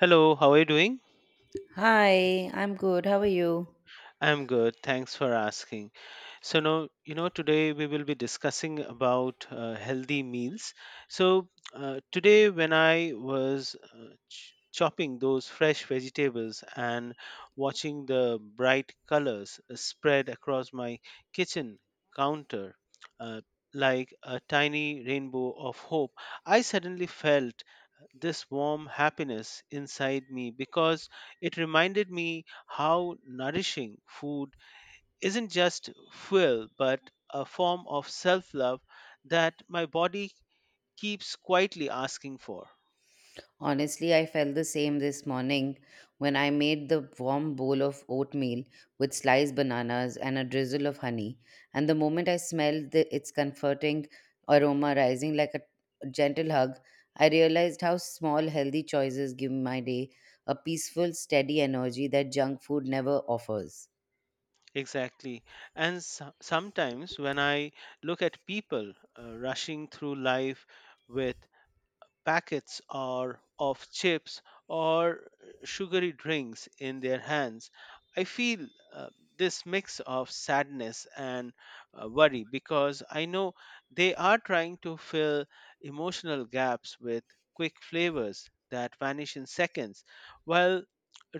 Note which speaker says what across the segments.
Speaker 1: Hello, how are you doing?
Speaker 2: Hi, I'm good. How are you?
Speaker 1: I'm good. Thanks for asking. So now, today we will be discussing about healthy meals. So today, when I was chopping those fresh vegetables and watching the bright colors spread across my kitchen counter, uh, like a tiny rainbow of hope, I suddenly felt this warm happiness inside me because it reminded me how nourishing food isn't just fuel but a form of self love that my body keeps quietly asking for.
Speaker 2: Honestly, I felt the same this morning when I made the warm bowl of oatmeal with sliced bananas and a drizzle of honey. And the moment I smelled its comforting aroma rising like a gentle hug, I realized how small, healthy choices give my day a peaceful, steady energy that junk food never offers.
Speaker 1: Exactly. And sometimes when I look at people rushing through life with packets or of chips or sugary drinks in their hands, I feel uh, this mix of sadness and worry because I know they are trying to fill emotional gaps with quick flavors that vanish in seconds, while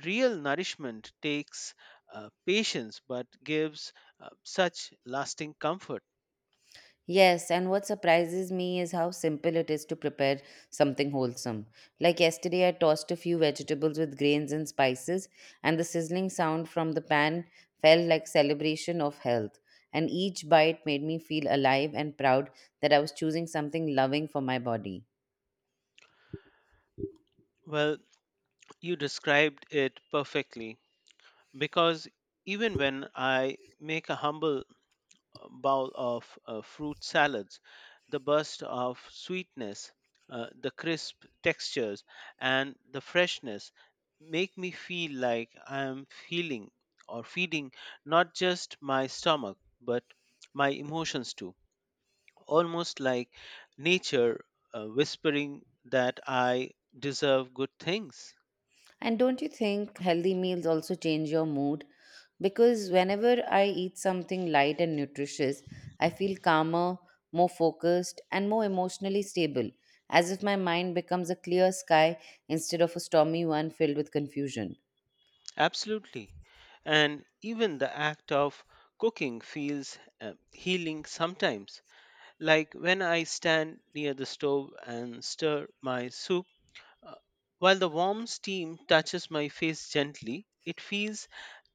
Speaker 1: real nourishment takes patience but gives such lasting comfort.
Speaker 2: Yes, and what surprises me is how simple it is to prepare something wholesome. Like yesterday, I tossed a few vegetables with grains and spices, and the sizzling sound from the pan felt like celebration of health. And each bite made me feel alive and proud that I was choosing something loving for my body.
Speaker 1: Well, you described it perfectly because even when I make a humble bowl of fruit salads, the burst of sweetness, the crisp textures, and the freshness make me feel like I am feeling or feeding not just my stomach but my emotions too. Almost like nature whispering that I deserve good things.
Speaker 2: And don't you think healthy meals also change your mood? Because whenever I eat something light and nutritious, I feel calmer, more focused, and more emotionally stable, as if my mind becomes a clear sky instead of a stormy one filled with confusion.
Speaker 1: Absolutely. And even the act of cooking feels healing sometimes. Like when I stand near the stove and stir my soup, uh, while the warm steam touches my face gently, it feels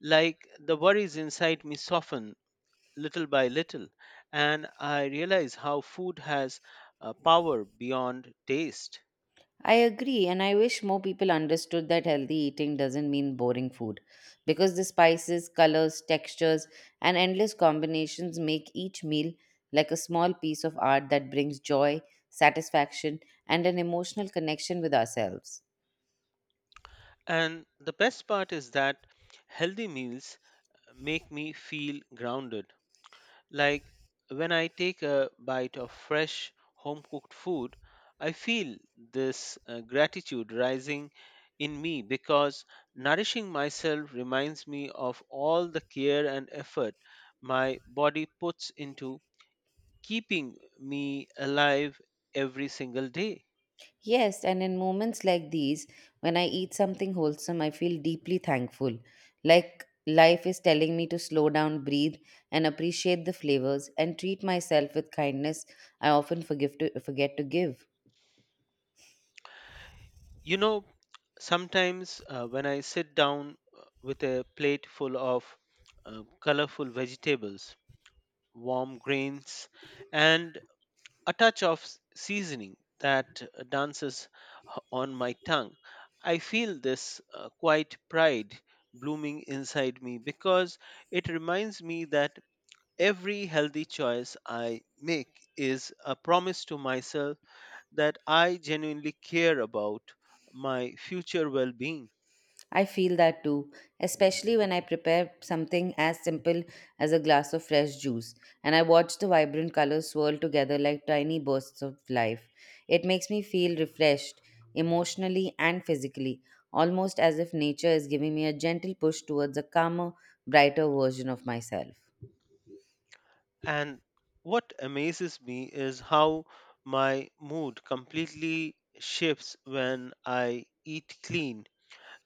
Speaker 1: like the worries inside me soften little by little. And I realize how food has power beyond taste.
Speaker 2: I agree, and I wish more people understood that healthy eating doesn't mean boring food because the spices, colors, textures, and endless combinations make each meal like a small piece of art that brings joy, satisfaction, and an emotional connection with ourselves.
Speaker 1: And the best part is that healthy meals make me feel grounded. Like when I take a bite of fresh home cooked food, I feel this gratitude rising in me because nourishing myself reminds me of all the care and effort my body puts into keeping me alive every single day.
Speaker 2: Yes, and in moments like these, when I eat something wholesome, I feel deeply thankful. Like life is telling me to slow down, breathe, and appreciate the flavors, and treat myself with kindness I often forget to give.
Speaker 1: You know, sometimes when I sit down with a plate full of colorful vegetables, warm grains, and a touch of seasoning that dances on my tongue, I feel this quiet pride blooming inside me because it reminds me that every healthy choice I make is a promise to myself that I genuinely care about my future well being.
Speaker 2: I feel that too, especially when I prepare something as simple as a glass of fresh juice and I watch the vibrant colors swirl together like tiny bursts of life. It makes me feel refreshed emotionally and physically, almost as if nature is giving me a gentle push towards a calmer, brighter version of myself.
Speaker 1: And what amazes me is how my mood completely shifts when I eat clean.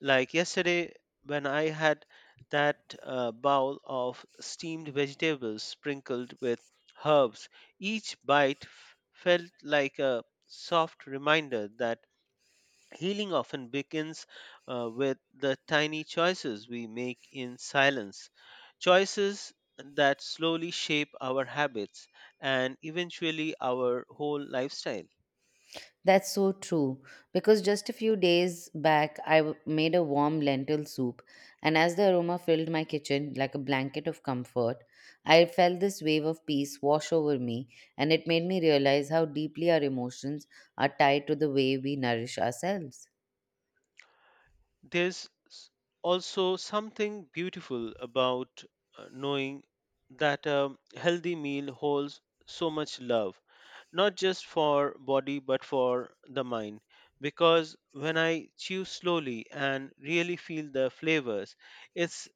Speaker 1: Like yesterday, when I had that bowl of steamed vegetables sprinkled with herbs, each bite felt like a soft reminder that healing often begins with the tiny choices we make in silence, choices that slowly shape our habits and eventually our whole lifestyle.
Speaker 2: That's so true. Because just a few days back, made a warm lentil soup, and as the aroma filled my kitchen like a blanket of comfort, I felt this wave of peace wash over me, and it made me realize how deeply our emotions are tied to the way we nourish ourselves.
Speaker 1: There's also something beautiful about knowing that a healthy meal holds so much love, not just for body but for the mind, because when I chew slowly and really feel the flavors, it's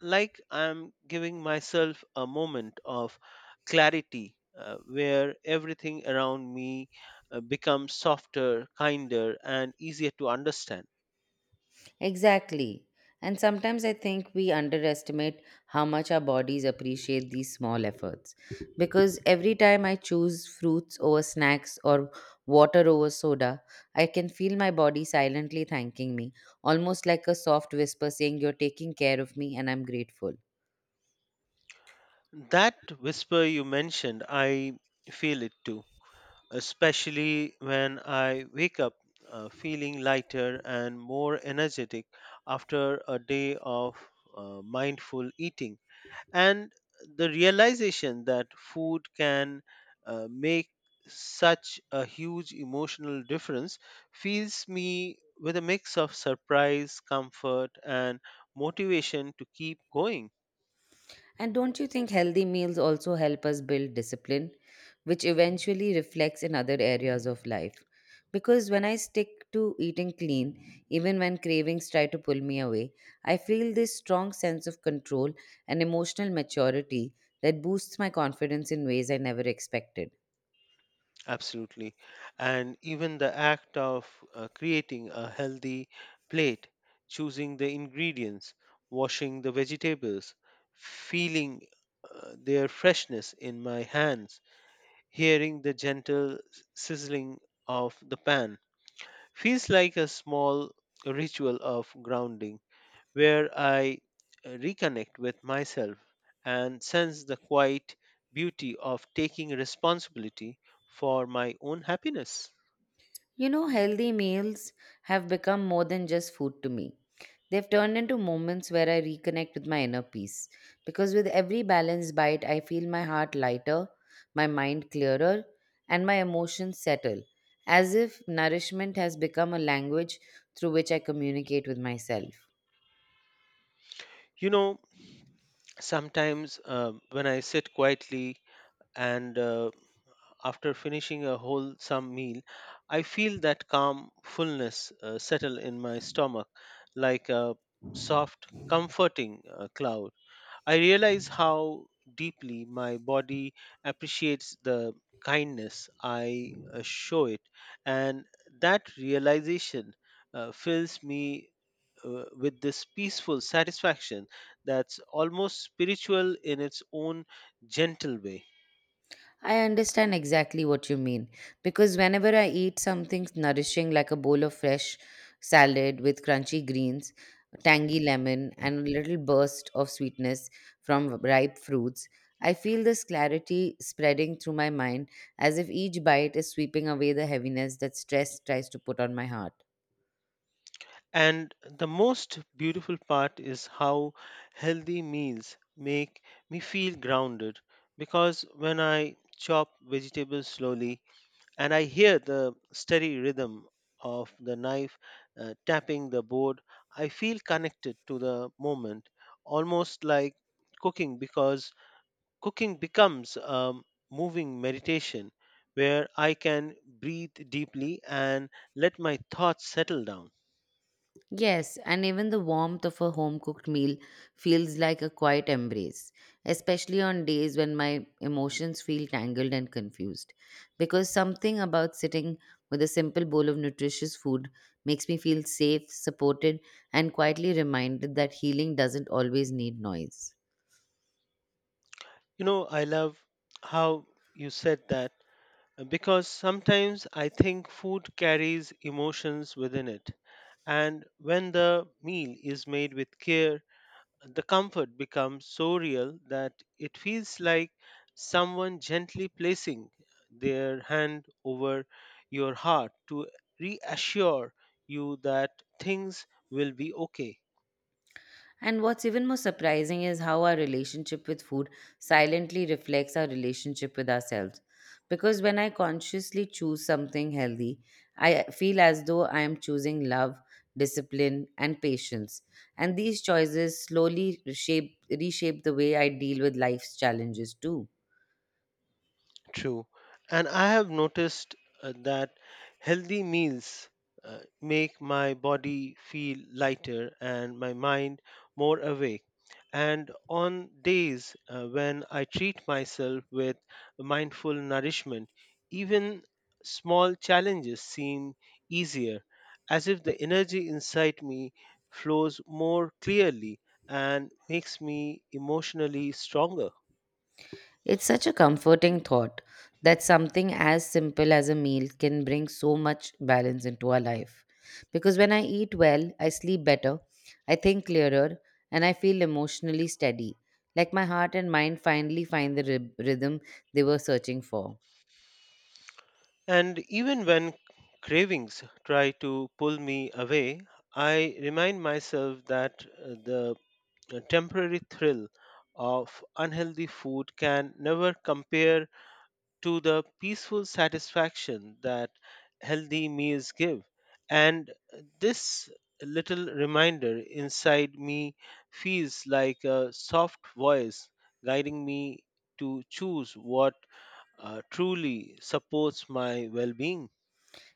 Speaker 1: like I'm giving myself a moment of clarity where everything around me becomes softer, kinder, and easier to understand.
Speaker 2: Exactly. And sometimes I think we underestimate how much our bodies appreciate these small efforts. Because every time I choose fruits over snacks or water over soda, I can feel my body silently thanking me, almost like a soft whisper saying, "You're taking care of me and I'm grateful."
Speaker 1: That whisper you mentioned, I feel it too, especially when I wake up feeling lighter and more energetic after a day of mindful eating. And the realization that food can make such a huge emotional difference fills me with a mix of surprise, comfort, and motivation to keep going.
Speaker 2: And don't you think healthy meals also help us build discipline, which eventually reflects in other areas of life? Because when I stick to eating clean, even when cravings try to pull me away, I feel this strong sense of control and emotional maturity that boosts my confidence in ways I never expected.
Speaker 1: Absolutely. And even the act of creating a healthy plate, choosing the ingredients, washing the vegetables, feeling their freshness in my hands, hearing the gentle sizzling of the pan, feels like a small ritual of grounding where I reconnect with myself and sense the quiet beauty of taking responsibility for my own happiness.
Speaker 2: You know, healthy meals have become more than just food to me. They've turned into moments where I reconnect with my inner peace. Because with every balanced bite, I feel my heart lighter, my mind clearer, and my emotions settle, as if nourishment has become a language through which I communicate with myself.
Speaker 1: You know, sometimes when I sit quietly and after finishing a wholesome meal, I feel that calm fullness settle in my stomach like a soft, comforting cloud. I realize how deeply my body appreciates the kindness I show it, and that realization fills me with this peaceful satisfaction that's almost spiritual in its own gentle way.
Speaker 2: I understand exactly what you mean because whenever I eat something nourishing like a bowl of fresh salad with crunchy greens, tangy lemon, and a little burst of sweetness from ripe fruits, I feel this clarity spreading through my mind as if each bite is sweeping away the heaviness that stress tries to put on my heart.
Speaker 1: And the most beautiful part is how healthy meals make me feel grounded, because when I chop vegetables slowly and I hear the steady rhythm of the knife tapping the board, I feel connected to the moment, almost like cooking, because cooking becomes a moving meditation where I can breathe deeply and let my thoughts settle down.
Speaker 2: Yes, and even the warmth of a home cooked meal feels like a quiet embrace, especially on days when my emotions feel tangled and confused. Because something about sitting with a simple bowl of nutritious food makes me feel safe, supported, and quietly reminded that healing doesn't always need noise.
Speaker 1: You know, I love how you said that because sometimes I think food carries emotions within it. And when the meal is made with care, the comfort becomes so real that it feels like someone gently placing their hand over your heart to reassure you that things will be okay.
Speaker 2: And what's even more surprising is how our relationship with food silently reflects our relationship with ourselves. Because when I consciously choose something healthy, I feel as though I am choosing love, discipline, and patience. And these choices slowly reshape the way I deal with life's challenges too.
Speaker 1: True. And I have noticed that healthy meals make my body feel lighter and my mind more awake. And on days when I treat myself with mindful nourishment, even small challenges seem easier, as if the energy inside me flows more clearly and makes me emotionally stronger.
Speaker 2: It's such a comforting thought that something as simple as a meal can bring so much balance into our life. Because when I eat well, I sleep better, I think clearer, and I feel emotionally steady. Like my heart and mind finally find the rhythm they were searching for.
Speaker 1: And even when cravings try to pull me away, I remind myself that the temporary thrill of unhealthy food can never compare to the peaceful satisfaction that healthy meals give. And this little reminder inside me feels like a soft voice guiding me to choose what truly supports my well being.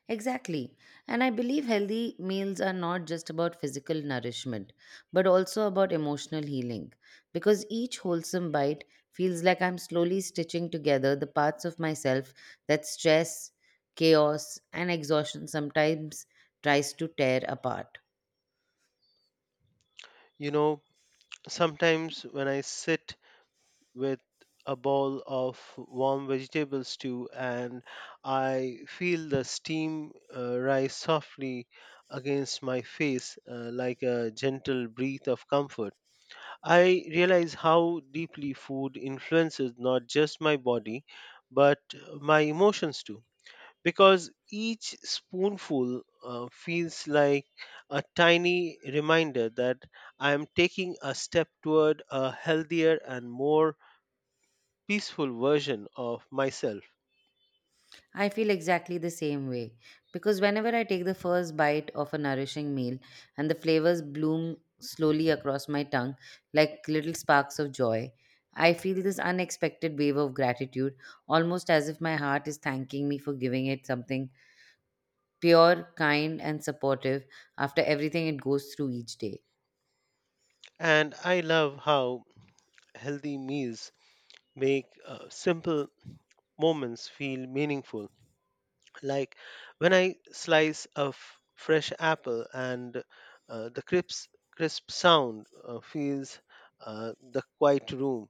Speaker 2: Exactly. And I believe healthy meals are not just about physical nourishment, but also about emotional healing. Because each wholesome bite feels like I'm slowly stitching together the parts of myself that stress, chaos, and exhaustion sometimes tries to tear apart.
Speaker 1: You know, sometimes when I sit with a bowl of warm vegetable stew and I feel the steam rise softly against my face like a gentle breath of comfort, I realize how deeply food influences not just my body but my emotions too, because each spoonful feels like a tiny reminder that I am taking a step toward a healthier and more peaceful version of myself.
Speaker 2: I feel exactly the same way because whenever I take the first bite of a nourishing meal and the flavors bloom slowly across my tongue like little sparks of joy, I feel this unexpected wave of gratitude, almost as if my heart is thanking me for giving it something pure, kind, and supportive after everything it goes through each day.
Speaker 1: And I love how healthy meals make simple moments feel meaningful. Like when I slice a fresh apple and uh, the crisp, crisp sound fills the quiet room,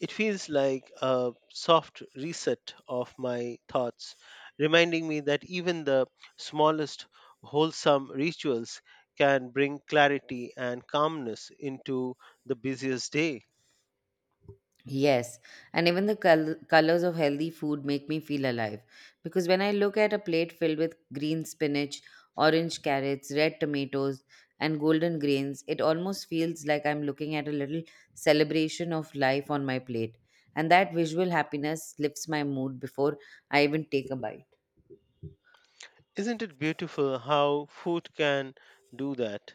Speaker 1: it feels like a soft reset of my thoughts, reminding me that even the smallest wholesome rituals can bring clarity and calmness into the busiest day.
Speaker 2: Yes, and even the colors of healthy food make me feel alive because when I look at a plate filled with green spinach, orange carrots, red tomatoes, and golden grains, it almost feels like I'm looking at a little celebration of life on my plate. And that visual happiness lifts my mood before I even take a bite.
Speaker 1: Isn't it beautiful how food can do that?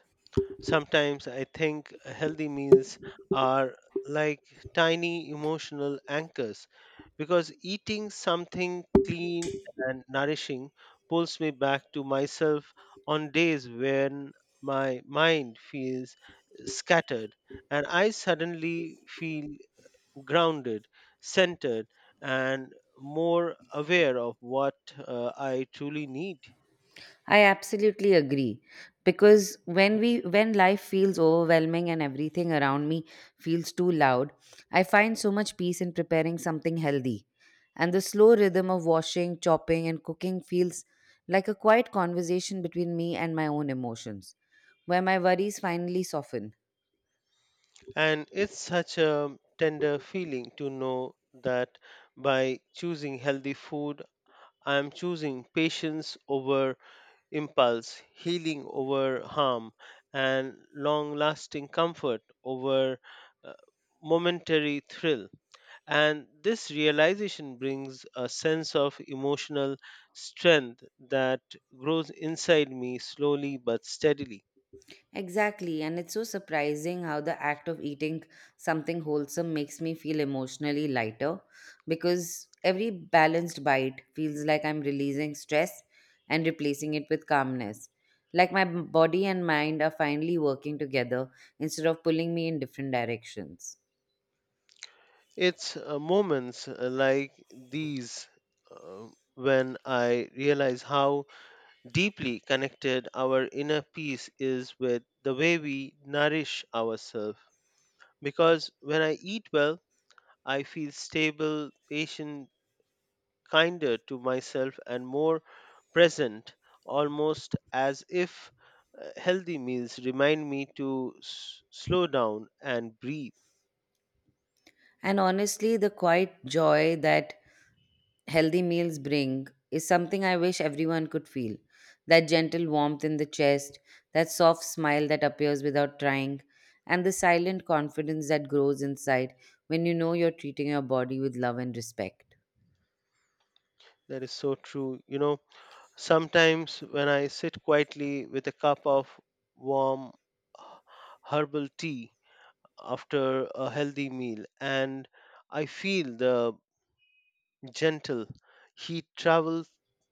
Speaker 1: Sometimes I think healthy meals are like tiny emotional anchors, because eating something clean and nourishing pulls me back to myself on days when my mind feels scattered, and I suddenly feel grounded, centered, and more aware of what I truly need.
Speaker 2: I absolutely agree because when life feels overwhelming and everything around me feels too loud, I find so much peace in preparing something healthy. And the slow rhythm of washing, chopping and cooking feels like a quiet conversation between me and my own emotions, where my worries finally soften.
Speaker 1: And it's such a tender feeling to know that by choosing healthy food, I am choosing patience over impulse, healing over harm, and long lasting comfort over uh, momentary thrill. And this realization brings a sense of emotional strength that grows inside me slowly but steadily.
Speaker 2: Exactly, and it's so surprising how the act of eating something wholesome makes me feel emotionally lighter because every balanced bite feels like I'm releasing stress and replacing it with calmness. Like my body and mind are finally working together instead of pulling me in different directions.
Speaker 1: It's moments like these uh, when I realize how deeply connected our inner peace is with the way we nourish ourselves. Because when I eat well, I feel stable, patient, kinder to myself, and more present, almost as if healthy meals remind me to slow down and breathe.
Speaker 2: And honestly, the quiet joy that healthy meals bring is something I wish everyone could feel. That gentle warmth in the chest, that soft smile that appears without trying, and the silent confidence that grows inside when you know you're treating your body with love and respect.
Speaker 1: That is so true. You know, sometimes, when I sit quietly with a cup of warm herbal tea after a healthy meal, and I feel the gentle heat travel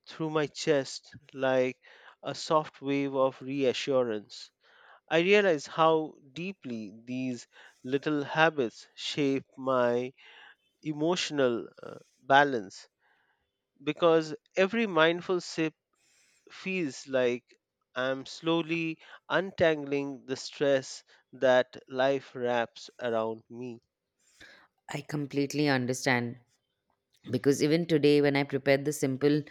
Speaker 1: through my chest like a soft wave of reassurance, I realize how deeply these little habits shape my emotional balance, because every mindful sip feels like I'm slowly untangling the stress that life wraps around me.
Speaker 2: I completely understand because even today when I prepared the simple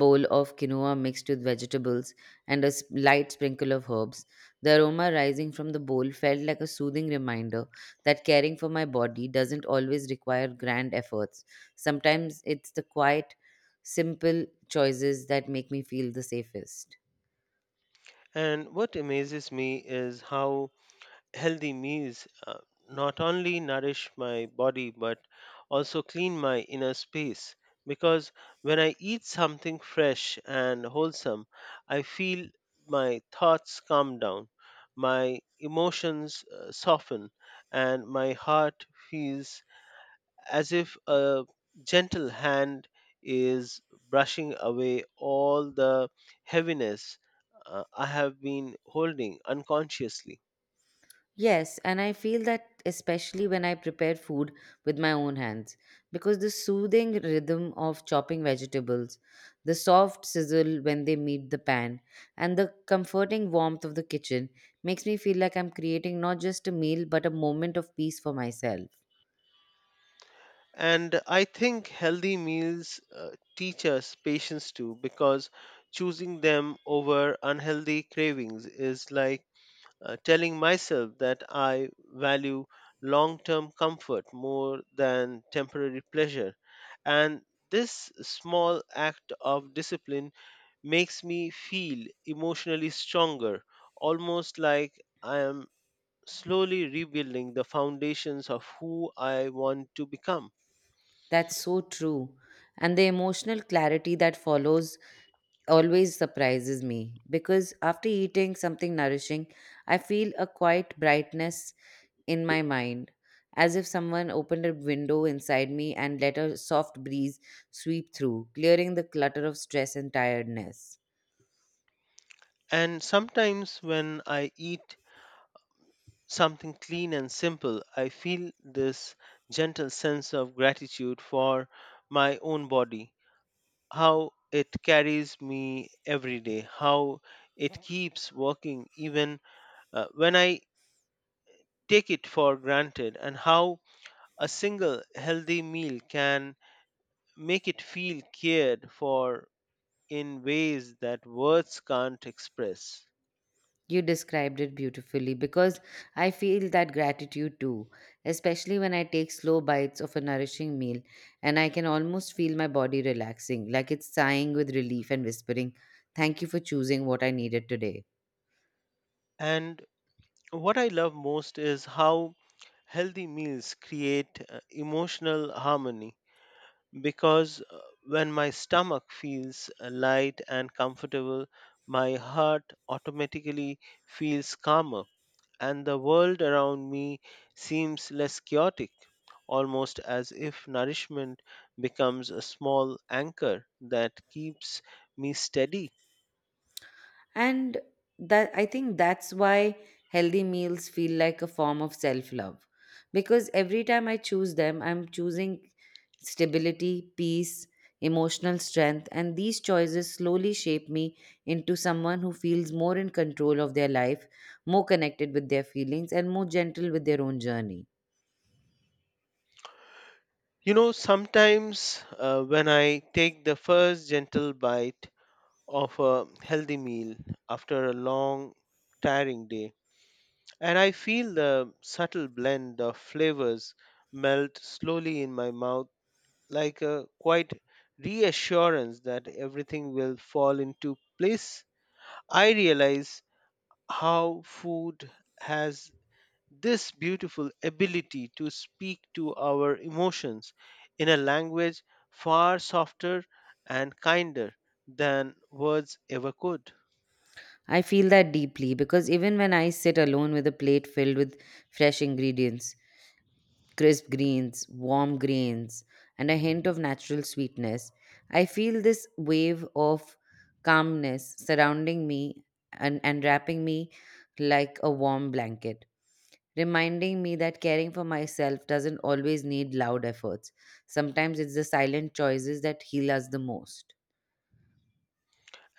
Speaker 2: bowl of quinoa mixed with vegetables and a light sprinkle of herbs, the aroma rising from the bowl felt like a soothing reminder that caring for my body doesn't always require grand efforts. Sometimes it's the quiet, simple choices that make me feel the safest.
Speaker 1: And what amazes me is how healthy meals not only nourish my body but also clean my inner space. Because when I eat something fresh and wholesome, I feel my thoughts calm down, my emotions soften, and my heart feels as if a gentle hand is brushing away all the heaviness I have been holding unconsciously.
Speaker 2: Yes, and I feel that especially when I prepare food with my own hands, because the soothing rhythm of chopping vegetables, the soft sizzle when they meet the pan, and the comforting warmth of the kitchen makes me feel like I'm creating not just a meal but a moment of peace for myself.
Speaker 1: And I think healthy meals teach us patience too, because choosing them over unhealthy cravings is like telling myself that I value long term comfort more than temporary pleasure. And this small act of discipline makes me feel emotionally stronger, almost like I am slowly rebuilding the foundations of who I want to become.
Speaker 2: That's so true. And the emotional clarity that follows always surprises me because after eating something nourishing, I feel a quiet brightness in my mind, as if someone opened a window inside me and let a soft breeze sweep through, clearing the clutter of stress and tiredness.
Speaker 1: And sometimes when I eat something clean and simple, I feel this gentle sense of gratitude for my own body, how it carries me every day, how it keeps working even when I take it for granted, and how a single healthy meal can make it feel cared for in ways that words can't express.
Speaker 2: You described it beautifully because I feel that gratitude too, especially when I take slow bites of a nourishing meal and I can almost feel my body relaxing, like it's sighing with relief and whispering, "Thank you for choosing what I needed today."
Speaker 1: And what I love most is how healthy meals create emotional harmony, because when my stomach feels light and comfortable, my heart automatically feels calmer and the world around me seems less chaotic, almost as if nourishment becomes a small anchor that keeps me steady.
Speaker 2: And that I think that's why healthy meals feel like a form of self love. Because every time I choose them, I'm choosing stability, peace, emotional strength, and these choices slowly shape me into someone who feels more in control of their life, more connected with their feelings, and more gentle with their own journey.
Speaker 1: You know, sometimes when I take the first gentle bite of a healthy meal after a long, tiring day, and I feel the subtle blend of flavors melt slowly in my mouth like a quite reassurance that everything will fall into place. I realize how food has this beautiful ability to speak to our emotions in a language far softer and kinder than words ever could.
Speaker 2: I feel that deeply because even when I sit alone with a plate filled with fresh ingredients, crisp greens, warm grains, and a hint of natural sweetness, I feel this wave of calmness surrounding me and wrapping me like a warm blanket, reminding me that caring for myself doesn't always need loud efforts. Sometimes it's the silent choices that heal us the most.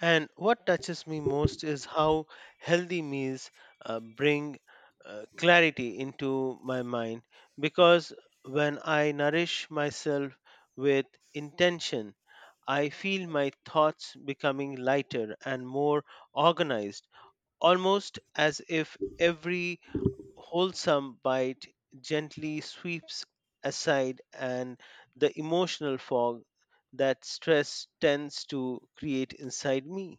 Speaker 1: And what touches me most is how healthy meals bring clarity into my mind because when I nourish myself with intention, I feel my thoughts becoming lighter and more organized, almost as if every wholesome bite gently sweeps aside and the emotional fog that stress tends to create inside me.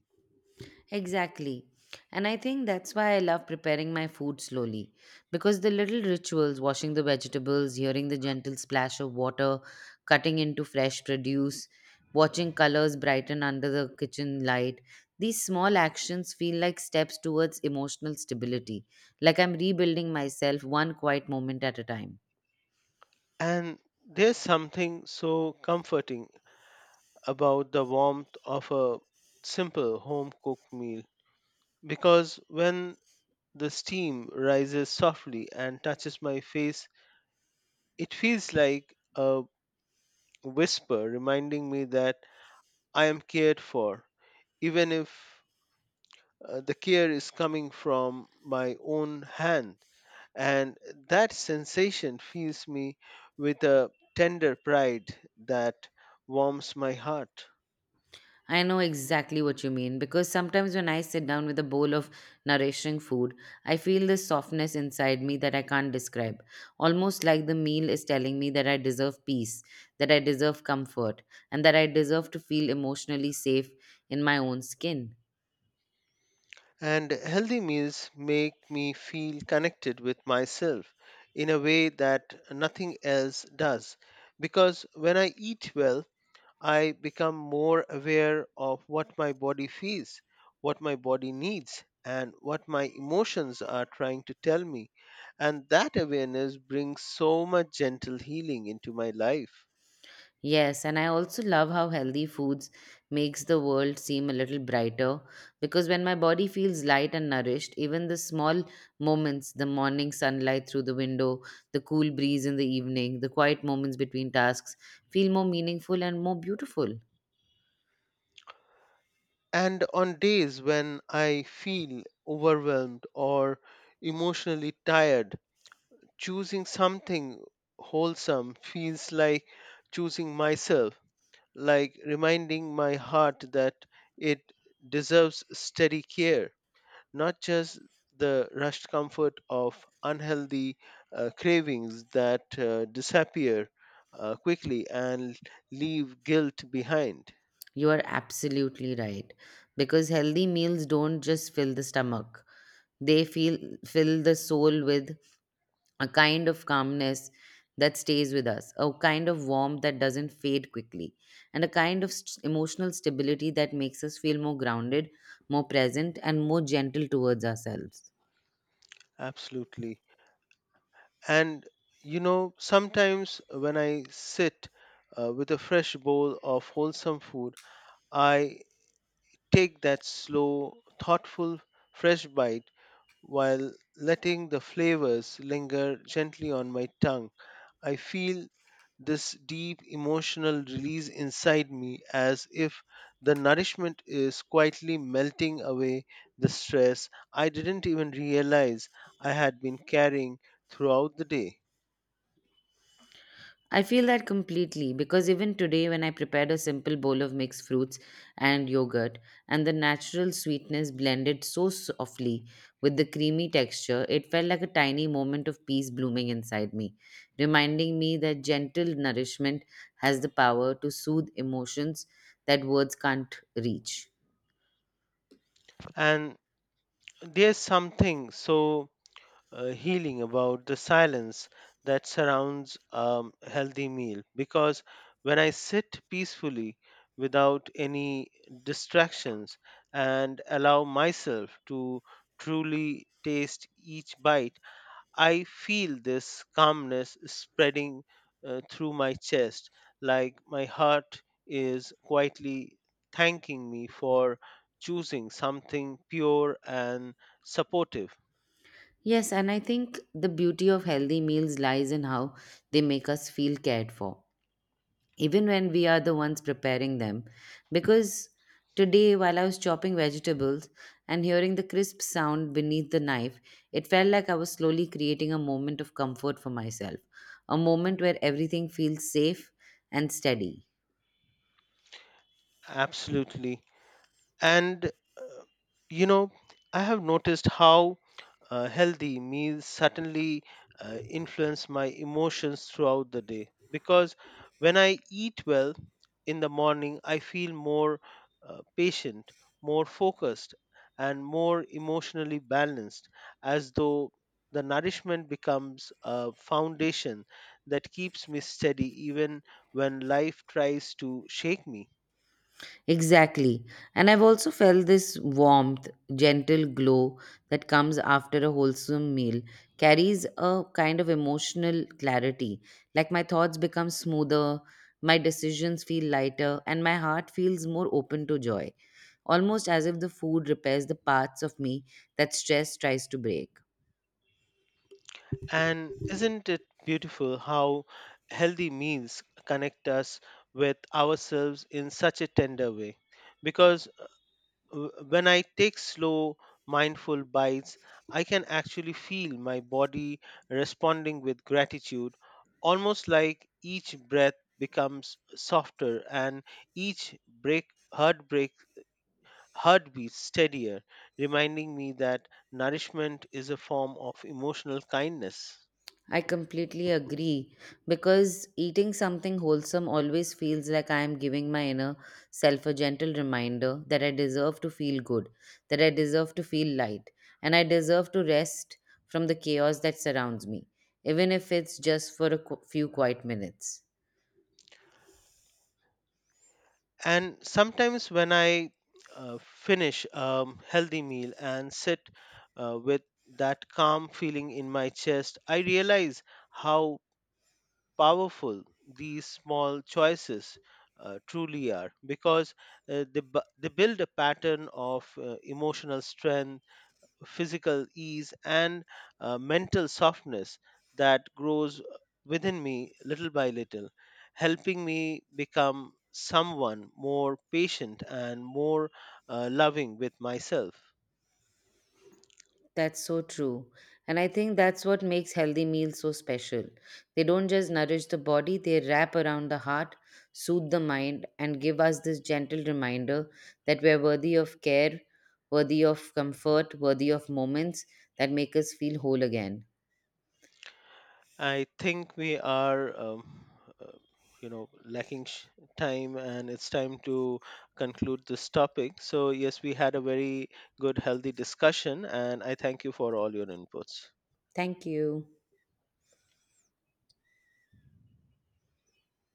Speaker 2: Exactly. And I think that's why I love preparing my food slowly. Because the little rituals, washing the vegetables, hearing the gentle splash of water, cutting into fresh produce, watching colors brighten under the kitchen light, these small actions feel like steps towards emotional stability. Like I'm rebuilding myself one quiet moment at a time.
Speaker 1: And there's something so comforting about the warmth of a simple home cooked meal because when the steam rises softly and touches my face, it feels like a whisper reminding me that I am cared for, even if the care is coming from my own hand. And that sensation fills me with a tender pride that warms my heart.
Speaker 2: I know exactly what you mean because sometimes when I sit down with a bowl of nourishing food, I feel this softness inside me that I can't describe. Almost like the meal is telling me that I deserve peace, that I deserve comfort, and that I deserve to feel emotionally safe in my own skin.
Speaker 1: And healthy meals make me feel connected with myself in a way that nothing else does. Because when I eat well, I become more aware of what my body feels, what my body needs, and what my emotions are trying to tell me. And that awareness brings so much gentle healing into my life.
Speaker 2: Yes, and I also love how healthy foods makes the world seem a little brighter because when my body feels light and nourished, even the small moments, the morning sunlight through the window, the cool breeze in the evening, the quiet moments between tasks feel more meaningful and more beautiful.
Speaker 1: And on days when I feel overwhelmed or emotionally tired, choosing something wholesome feels like choosing myself, like reminding my heart that it deserves steady care, not just the rushed comfort of unhealthy cravings that disappear quickly and leave guilt behind.
Speaker 2: You are absolutely right because healthy meals don't just fill the stomach. They feel fill the soul with a kind of calmness that stays with us, a kind of warmth that doesn't fade quickly, and a kind of emotional stability that makes us feel more grounded, more present, and more gentle towards ourselves.
Speaker 1: Absolutely. And you know, sometimes when I sit with a fresh bowl of wholesome food, I take that slow, thoughtful, fresh bite while letting the flavors linger gently on my tongue. I feel this deep emotional release inside me as if the nourishment is quietly melting away the stress I didn't even realize I had been carrying throughout the day.
Speaker 2: I feel that completely because even today, when I prepared a simple bowl of mixed fruits and yogurt, and the natural sweetness blended so softly with the creamy texture, it felt like a tiny moment of peace blooming inside me, reminding me that gentle nourishment has the power to soothe emotions that words can't reach.
Speaker 1: And there's something so healing about the silence that surrounds a healthy meal because when I sit peacefully without any distractions and allow myself to truly taste each bite, I feel this calmness spreading through my chest like my heart is quietly thanking me for choosing something pure and supportive.
Speaker 2: Yes, and I think the beauty of healthy meals lies in how they make us feel cared for even when we are the ones preparing them. Because today, while I was chopping vegetables and hearing the crisp sound beneath the knife, it felt like I was slowly creating a moment of comfort for myself, a moment where everything feels safe and steady.
Speaker 1: Absolutely. And you know, I have noticed how healthy meals certainly influence my emotions throughout the day because when I eat well in the morning, I feel more patient, more focused, and more emotionally balanced, as though the nourishment becomes a foundation that keeps me steady even when life tries to shake me.
Speaker 2: Exactly. And I've also felt this warmth, gentle glow that comes after a wholesome meal carries a kind of emotional clarity. Like my thoughts become smoother, my decisions feel lighter, and my heart feels more open to joy, almost as if the food repairs the parts of me that stress tries to break.
Speaker 1: And isn't it beautiful how healthy meals connect us with ourselves in such a tender way? Because when I take slow, mindful bites, I can actually feel my body responding with gratitude, almost like each breath becomes softer and each break heartbreak heartbeat steadier, reminding me that nourishment is a form of emotional kindness.
Speaker 2: I completely agree because eating something wholesome always feels like I am giving my inner self a gentle reminder that I deserve to feel good, that I deserve to feel light, and I deserve to rest from the chaos that surrounds me, even if it's just for a few quiet minutes.
Speaker 1: And sometimes when I finish a healthy meal and sit with that calm feeling in my chest, I realize how powerful these small choices truly are because they build a pattern of emotional strength, physical ease, and mental softness that grows within me little by little, helping me become someone more patient and more loving with myself.
Speaker 2: That's so true. And I think that's what makes healthy meals so special. They don't just nourish the body, they wrap around the heart, soothe the mind, and give us this gentle reminder that we're worthy of care, worthy of comfort, worthy of moments that make us feel whole again.
Speaker 1: I think we are uh, lacking time, and it's time to conclude this topic. So, yes, we had a very good, healthy discussion, and I thank you for all your inputs.
Speaker 2: Thank you.